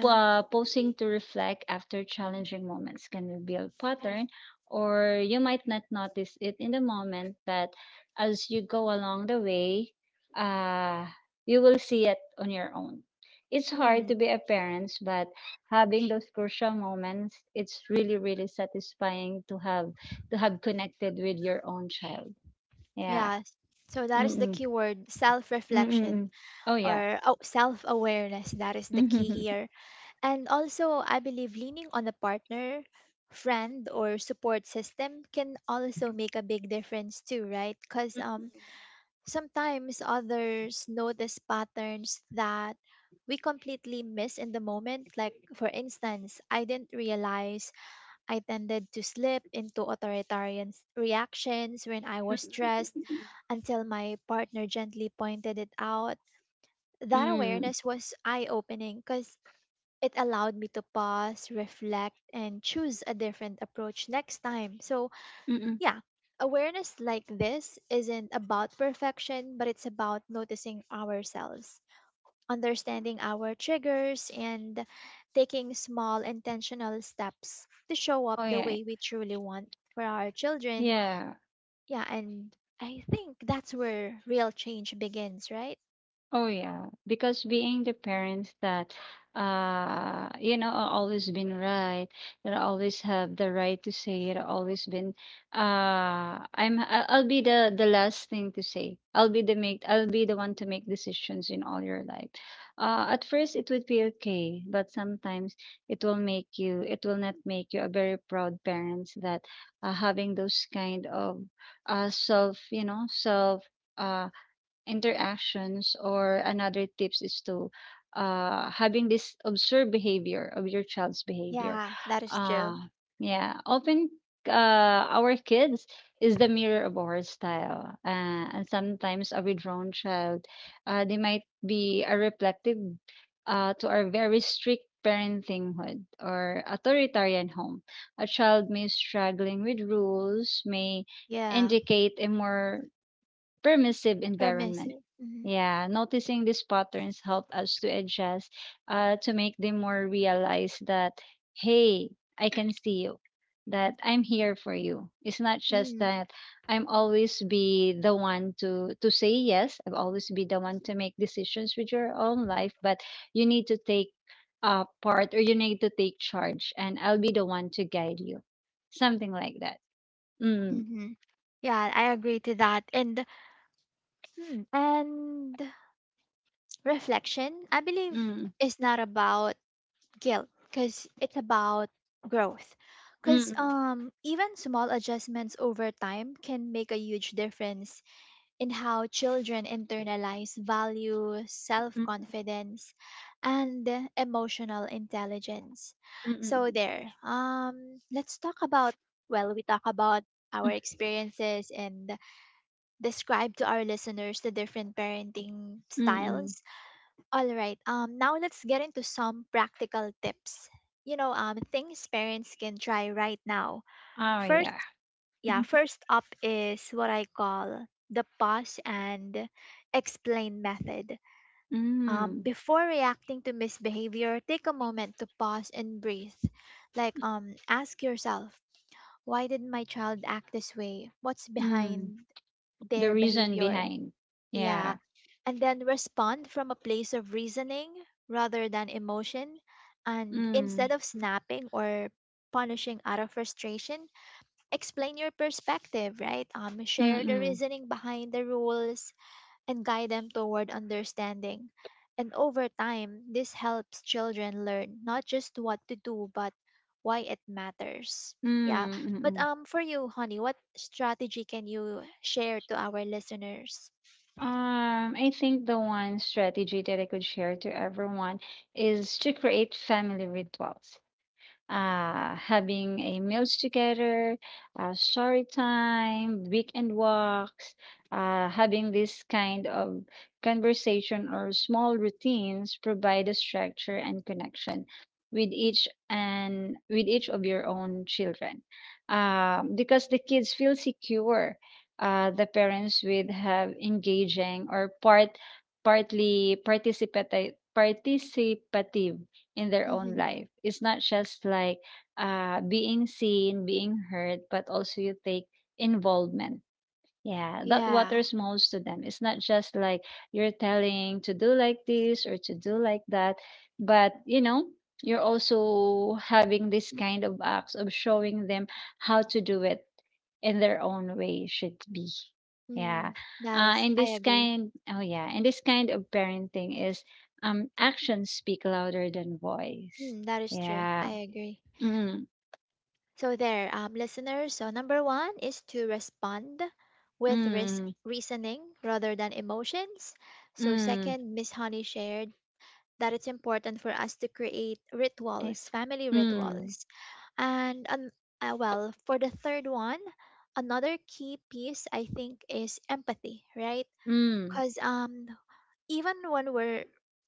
S2: pausing to reflect after challenging moments can reveal pattern, or you might not notice it in the moment, but as you go along the way, uh, you will see it on your own. It's hard to
S1: Mm.
S2: be a parent, but having those crucial moments, it's really, really satisfying to have connected with your own child. Yeah.
S1: Yeah. So that is the
S2: Mm-mm.
S1: key word, self-reflection,
S2: Mm-mm. Oh yeah.
S1: or oh, self-awareness. That is the key here. And also, I believe leaning on a partner, friend, or support system can also make a big difference too, right? Because sometimes others notice patterns that we completely miss in the moment. Like, for instance, I didn't realize I tended to slip into authoritarian reactions when I was stressed
S2: Mm,
S1: until my partner gently pointed it out.
S2: mm,
S1: That
S2: mm, mm.
S1: awareness was eye opening because it allowed me to pause, reflect, and choose a different approach next time. So,
S2: Mm, mm.
S1: yeah, awareness like this isn't about perfection, but it's about noticing ourselves, understanding our triggers, and taking small intentional steps to show up
S2: Oh,
S1: the
S2: yeah.
S1: way we truly want for our children.
S2: Yeah.
S1: Yeah, and I think that's where real change begins, right?
S2: Oh yeah, because being the parents that, are always been right, that always have the right to say it, always been, I'll be the last thing to say. I'll be the one to make decisions in all your life. At first it would be okay, but sometimes it will not make you a very proud parents, that having those kind of self, self, uh, interactions. Or another tips is to, having this observed behavior of your child's behavior.
S1: Yeah, that is true.
S2: uh, yeah, often our kids is the mirror of our style, and sometimes a withdrawn child, they might be a reflective, to our very strict parentinghood or authoritarian home. A child may struggling with rules may
S1: Yeah,
S2: indicate a more permissive environment.
S1: permissive. Mm-hmm.
S2: Yeah, noticing these patterns help us to adjust, to make them more realize that, hey, I can see you, that I'm here for you. It's not just
S1: Mm-hmm.
S2: that I'm always be the one to say yes. I've always be the one to make decisions with your own life, but you need to take part, or you need to take charge, and I'll be the one to guide you. Something like that. Mm,
S1: Mm-hmm. Yeah, I agree to that. And hmm, and reflection, I believe,
S2: mm,
S1: is not about guilt because it's about growth. Because
S2: mm,
S1: even small adjustments over time can make a huge difference in how children internalize value, self
S2: mm, mm, mm,
S1: confidence, and emotional intelligence.
S2: mm, mm,
S1: So,
S2: mm.
S1: there, let's talk about, well, we talk about our experiences and describe to our listeners the different parenting
S2: Mm.
S1: styles, all right. Now let's get into some practical tips. You know, things parents can try right now.
S2: Oh,
S1: First,
S2: yeah.
S1: yeah, first up is what I call the pause and explain method.
S2: Mm.
S1: Before reacting to misbehavior, take a moment to pause and breathe. Like, ask yourself, why did my child act this way? What's
S2: Mm.
S1: behind
S2: The
S1: their
S2: reason
S1: behavior?
S2: behind.
S1: Yeah,
S2: Yeah.
S1: and then respond from a place of reasoning rather than emotion. And
S2: Mm.
S1: instead of snapping or punishing out of frustration, explain your perspective, right? Share the
S2: Mm-mm.
S1: reasoning behind the rules and guide them toward understanding. And over time, this helps children learn not just what to do, but why it matters. Yeah,
S2: Mm. Mm-mm.
S1: but for you, honey, what strategy can you share to our listeners?
S2: I think the one strategy that I could share to everyone is to create family rituals. Having a meals together, story time, weekend walks, having this kind of conversation or small routines provide a structure and connection with each of your own children, because the kids feel secure, the parents would have engaging or partly, participative, in their own
S1: Mm-hmm.
S2: life. It's not just like being seen, being heard, but also you take involvement. Yeah, that
S1: Yeah.
S2: what smells to them. It's not just like you're telling to do like this or to do like that, but you're also having this kind of acts of showing them how to do it in their own way should be. Yeah.
S1: Mm, that
S2: Uh,
S1: is,
S2: and
S1: I
S2: this
S1: agree.
S2: kind, oh yeah, and this kind of parenting is, actions speak louder than voice.
S1: Mm, that is true. I
S2: Yeah.
S1: agree.
S2: Mm,
S1: So there, listeners. So number one is to respond with
S2: mm,
S1: reasoning rather than emotions. So
S2: mm,
S1: second, Miss Honey shared that it's important for us to create
S2: if,
S1: rituals, family
S2: mm,
S1: rituals. And an, for the third one, another key piece I think is empathy, right?
S2: mm,
S1: Because even when we're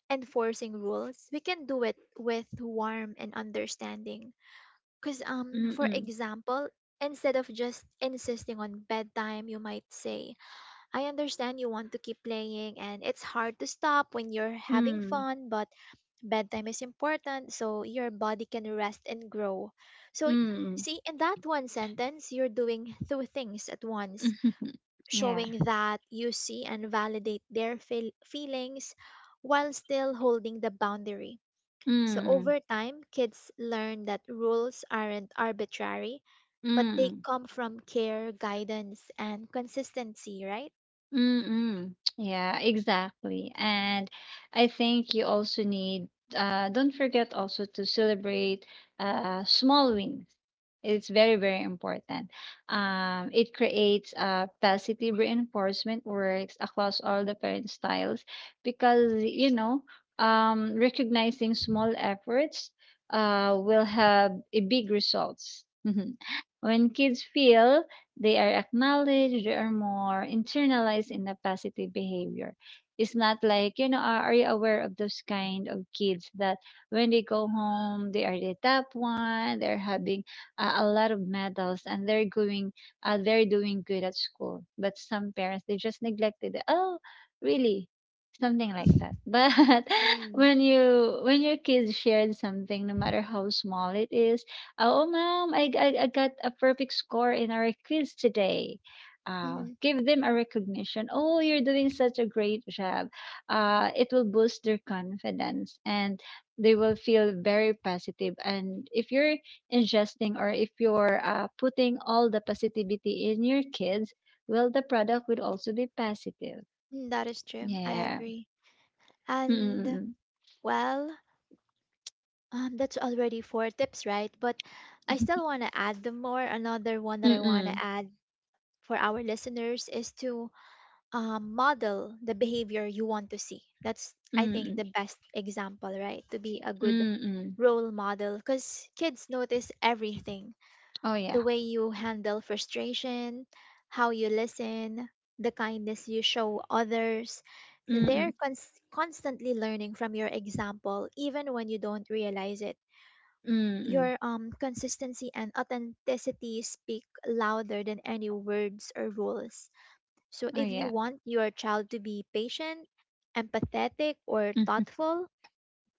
S1: enforcing rules, we can do it with warmth and understanding. Because
S2: mm,
S1: for
S2: mm.
S1: example, instead of just insisting on bedtime, you might say, "I understand you want to keep playing, and it's hard to stop when you're having
S2: Mm,
S1: fun, but bedtime is important so your body can rest and grow." So,
S2: mm,
S1: see, in that one sentence, you're doing two things at once,
S2: mhm, yeah,
S1: showing that you see and validate their feelings while still holding the boundary.
S2: mm,
S1: So,
S2: mm.
S1: over time, kids learn that rules aren't arbitrary, but they
S2: Mm.
S1: come from care, guidance, and consistency, right?
S2: Mm-mm. Yeah, exactly. And I think you also need, don't forget also to celebrate small wins. It's very, very important. It creates positive reinforcement works across all the parent styles, because, recognizing small efforts will have a big results. When kids feel they are acknowledged, they are more internalized in a positive behavior. It's not like, are you aware of those kind of kids that when they go home, they are the top one, they're having a lot of medals, and they're going, they're doing good at school. But some parents, they just neglected it. Oh, really. Something like that. But
S1: Mm,
S2: when you, when your kids shared something, no matter how small it is. Oh mom, I got a perfect score in our quiz today. uh,
S1: mhm,
S2: give them a recognition. Oh, you're doing such a great job. It will boost their confidence, and they will feel very, positive. And if you're ingesting, or if you're putting all the positivity in your kids, well, the product will also be positive.
S1: mm, that is true. I
S2: Yeah.
S1: agree. And
S2: Mm,
S1: well, that's already four tips, right? But I still
S2: mm,
S1: want to add them more. Another one that I want to
S2: mm.
S1: add for our listeners is to model the behavior you want to see. That's, I think,
S2: Mm,
S1: the best example, right? To be a good
S2: mm, mm.
S1: role model because kids notice everything,
S2: Oh, yeah.
S1: the way you handle frustration, how you listen, the kindness you show others. They're
S2: Mm,
S1: constantly learning from your example, even when you don't realize it.
S2: mm, mm.
S1: Your consistency and authenticity speak louder than any words or rules. So,
S2: Oh,
S1: if you
S2: yeah.
S1: want your child to be patient, empathetic, or
S2: Mhm.
S1: thoughtful,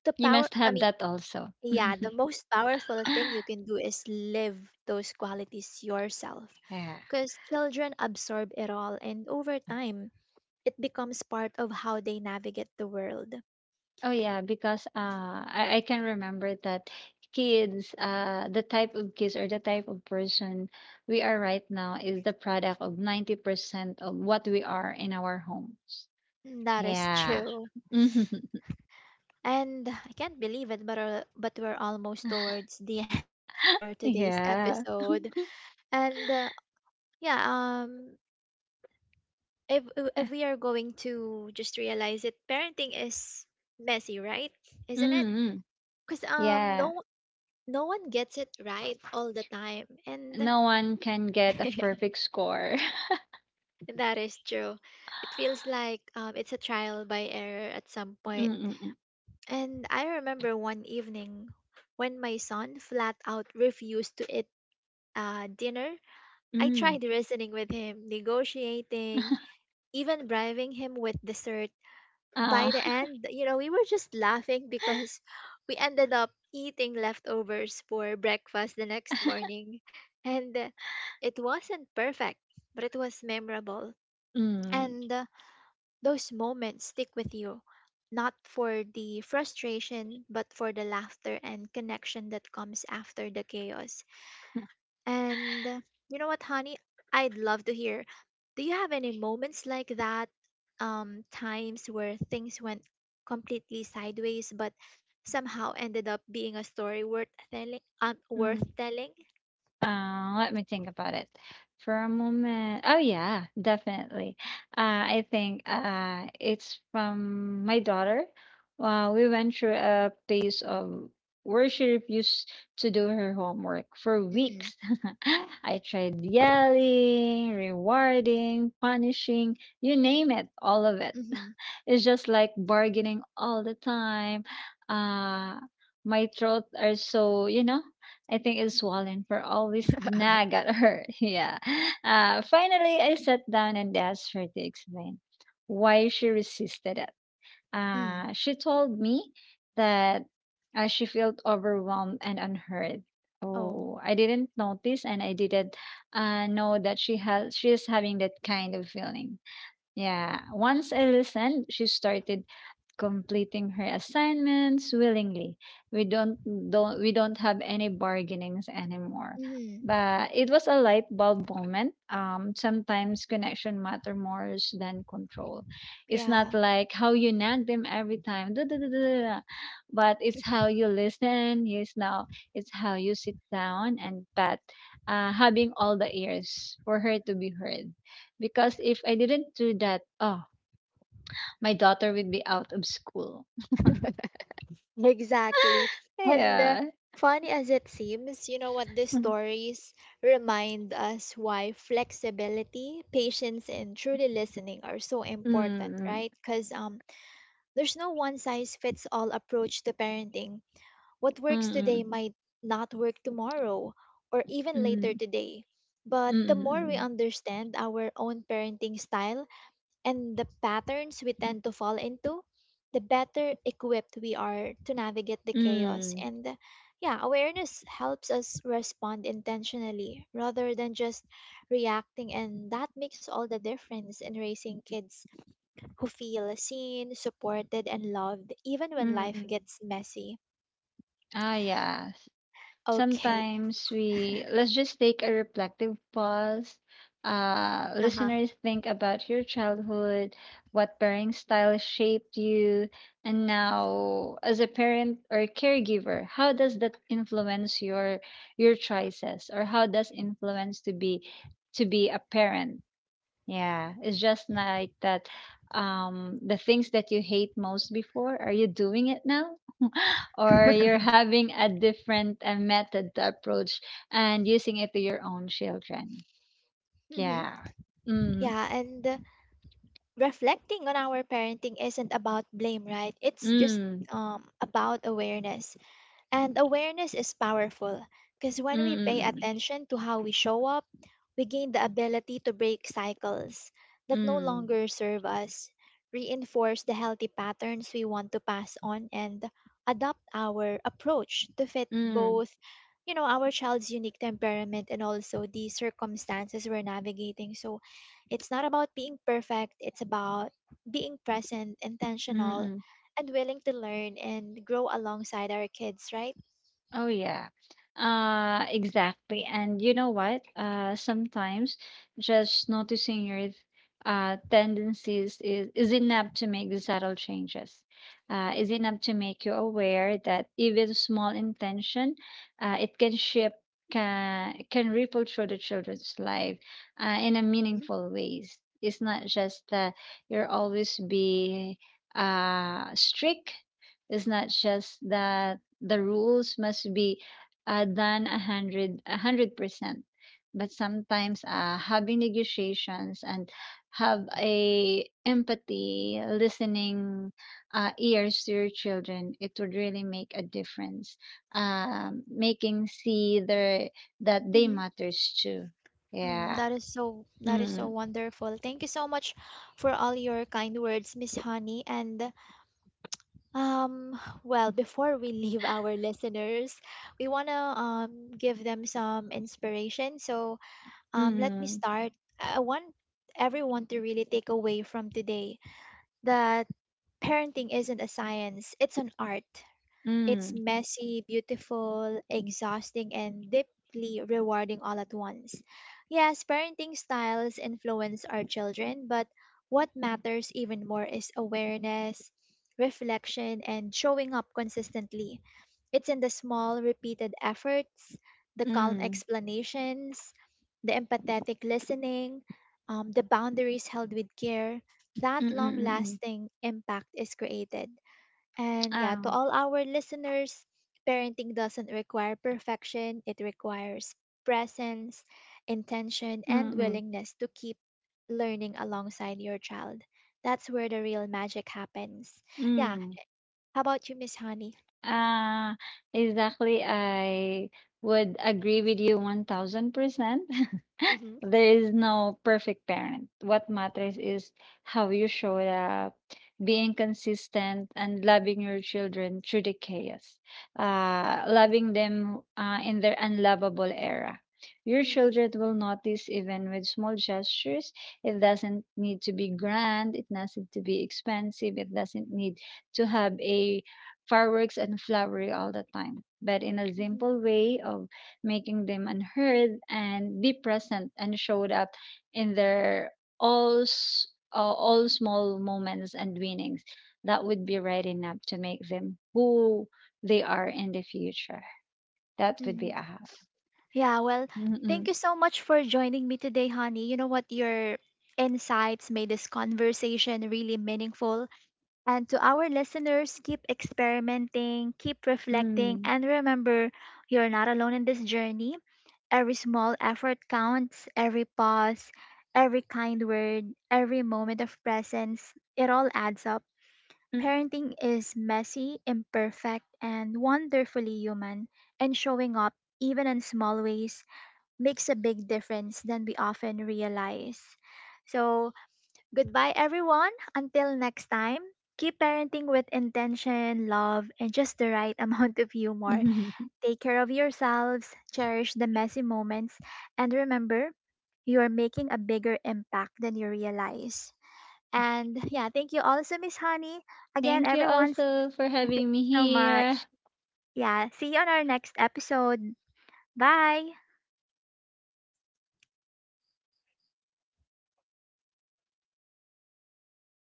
S1: the
S2: You
S1: power,
S2: must
S1: I
S2: have
S1: mean,
S2: that also.
S1: yeah, the most powerful thing you can do is live those qualities yourself.
S2: Yeah.
S1: Because children absorb it all, and over time, it becomes part of how they navigate the world.
S2: Oh, yeah, because I can remember that kids, the type of kids or the type of person we are right now is the product of 90% of what we are in our homes.
S1: That is
S2: Yeah.
S1: true.
S2: Mhm.
S1: And I can't believe it, but we're almost towards the end of our today's
S2: Yeah.
S1: episode. And uh, yeah, um, if we are going to just realize it, parenting is messy, right? Isn't it?
S2: Mm-hmm.
S1: Because
S2: Yeah.
S1: no one gets it right all the time, and
S2: No one can get a perfect score.
S1: that is true. It feels like it's a trial by error at some
S2: 嗯
S1: point.
S2: 嗯嗯
S1: And I remember one evening when my son flat out refused to dinner. I
S2: 嗯，
S1: tried reasoning with him, negotiating, even bribing him with dessert.
S2: 啊
S1: By the end, you know, we were just laughing because we ended up eating leftovers for breakfast the next morning. And It wasn't perfect, but it was memorable.
S2: 嗯，
S1: And Those moments stick with you, not for the frustration, but for the laughter and connection that comes after the chaos. And You know what, honey? I'd love to hear. Do you have any moments like that? Times where things went completely sideways, but somehow ended up being a story worth telling. Um, worth
S2: 嗯，
S1: telling.
S2: Let me think about it for a moment. Oh yeah, definitely. I think it's from my daughter. We went through a phase of where she refused to do her homework for
S1: Mm,
S2: weeks. I tried yelling, rewarding, punishing, you name it, all of it.
S1: mm-hmm,
S2: It's just like bargaining all the time. Uh, my throat are so. I think it's swollen for always nag at her. Yeah. Finally, I sat down and asked her to explain why she resisted it.
S1: mm,
S2: She told me that she felt overwhelmed and unheard.
S1: oh,
S2: Oh, I didn't notice, and I didn't know that, she is having that kind of feeling. Yeah. Once I listened, she started completing her assignments willingly. We don't we don't have any bargainings anymore.
S1: mm,
S2: But it was a light bulb moment. Sometimes connection matter more than control. It's not
S1: yeah.
S2: like how you nag them every time, duh, duh, duh, duh, duh, duh, but it's how you listen. Yes, now it's how you sit down and pat, having all the ears for her to be heard. Because if I didn't do that, oh, my daughter would be out of school.
S1: Exactly. And
S2: Yeah. Kaya
S1: Funny as it seems, you know what, these
S2: mm,
S1: stories remind us why flexibility, patience, and truly listening are so important,
S2: mm,
S1: right? Because there's no one size fits all approach to parenting. What works today
S2: mm,
S1: might not work tomorrow or even later
S2: mm,
S1: today. But
S2: mm,
S1: the more we
S2: mm.
S1: understand our own parenting style, and the patterns we tend to fall into, the better equipped we are to navigate the chaos.
S2: Mm,
S1: And Yeah, awareness helps us respond intentionally rather than just reacting, and that makes all the difference in raising kids who feel seen, supported, and loved, even when
S2: mm,
S1: life
S2: mm.
S1: gets messy.
S2: Ah, yes.
S1: Okay.
S2: Sometimes we, let's just take a reflective pause. Uh,
S1: Uh huh.
S2: listeners, think about your childhood, what parenting style shaped you, and now as a parent or caregiver, how does that influence your choices, or how does influence to be a parent? Yeah, it's just like that. The things that you hate most before, are you doing it now? Or you're having a different, method to approach and using it to your own children?
S1: Mm-hmm.
S2: Yeah. Mm,
S1: Yeah, and Reflecting on our parenting isn't about blame, right? It's just
S2: mm,
S1: about awareness. And awareness is powerful because
S2: mm,
S1: when we pay
S2: mm,
S1: attention to how we show up, we gain the ability to break cycles that no
S2: mm,
S1: longer serve us, reinforce the healthy patterns we want to pass on, and adapt our approach to fit
S2: mm,
S1: both, you know, our child's unique temperament and also the circumstances we're navigating. So it's not about being perfect, it's about being present,
S2: mm, mm,
S1: intentional,
S2: mm.
S1: and willing to learn and grow alongside our kids, right?
S2: Oh yeah. Exactly. And you know what? Sometimes just noticing your tendencies is enough to make the subtle changes. Is enough to make you aware that even small intention, it can shift. Can ripple through the children's life, in a
S1: Mhm.
S2: meaningful ways. It's not just that you're always be strict. It's not just that the rules must be done, 100%. But sometimes having negotiations, and have a empathy, listening ears to your children, it would really make a difference. Making see their that they
S1: Mm-hmm.
S2: matters too.
S1: Mm,
S2: Yeah.
S1: that is so
S2: Mm.
S1: wonderful. Thank you so much for all your kind words, Miss Honey. Before we leave our listeners, we want to give them some inspiration. So let me
S2: Mm.
S1: start. I want everyone to really take away from today that parenting isn't a science, it's an art. It's
S2: Mm.
S1: messy, beautiful, exhausting, and deeply rewarding all at once. Yes, parenting styles influence our children, but what matters even more is awareness, reflection, and showing up consistently. It's in the small, repeated efforts, the calm
S2: Mm.
S1: explanations, the empathetic listening, the boundaries held with care,
S2: Mm.
S1: that long
S2: Mm. Mm. Mm.
S1: lasting impact is created. And yeah, to
S2: Oh.
S1: all our listeners, parenting doesn't require perfection, it requires presence, intention, and
S2: Mm. Mm.
S1: willingness to keep learning alongside your child. That's where the real magic happens. Yeah,
S2: Mm.
S1: how about you, Miss Honey?
S2: Uh, exactly. I would agree with you 1000%.
S1: Mm-hmm,
S2: There is no perfect parent. What matters is how you show up, being consistent, and loving your children through the chaos, loving them in their unlovable era. Your
S1: mm-hmm,
S2: children will notice even with small gestures. It doesn't need to be grand, it doesn't to be expensive, it doesn't need to have a fireworks and flowery all the time. But in a
S1: mm-hmm,
S2: simple way of making them unheard and be present and showed up in their, all s- all small moments and winnings, that would be right enough to make them who they are in the future. That would be
S1: hmm.
S2: aha.
S1: Yeah, well, Thank
S2: Mm,
S1: you so much for joining me today, Honey. You know what? Your insights made this conversation really meaningful. And to our listeners, keep experimenting, keep reflecting,
S2: mm,
S1: and remember, you're not alone in this journey. Every small effort counts, every pause, every kind word, every moment of presence, it all adds up.
S2: mm.
S1: Parenting is messy, imperfect, and wonderfully human, and showing up even in small ways makes a big difference than we often realize. So, goodbye, everyone. Until next time, keep parenting with intention, love, and just the right amount of humor.
S2: Mm.
S1: Take care of yourselves, cherish the messy moments, and remember, you are making a bigger impact than you realize. And yeah, thank you also, Miss Honey. Again,
S2: Thank you
S1: everyone,
S2: also for
S1: thank
S2: having me
S1: you so
S2: here.
S1: much. Yeah, see you on our next episode. Bye.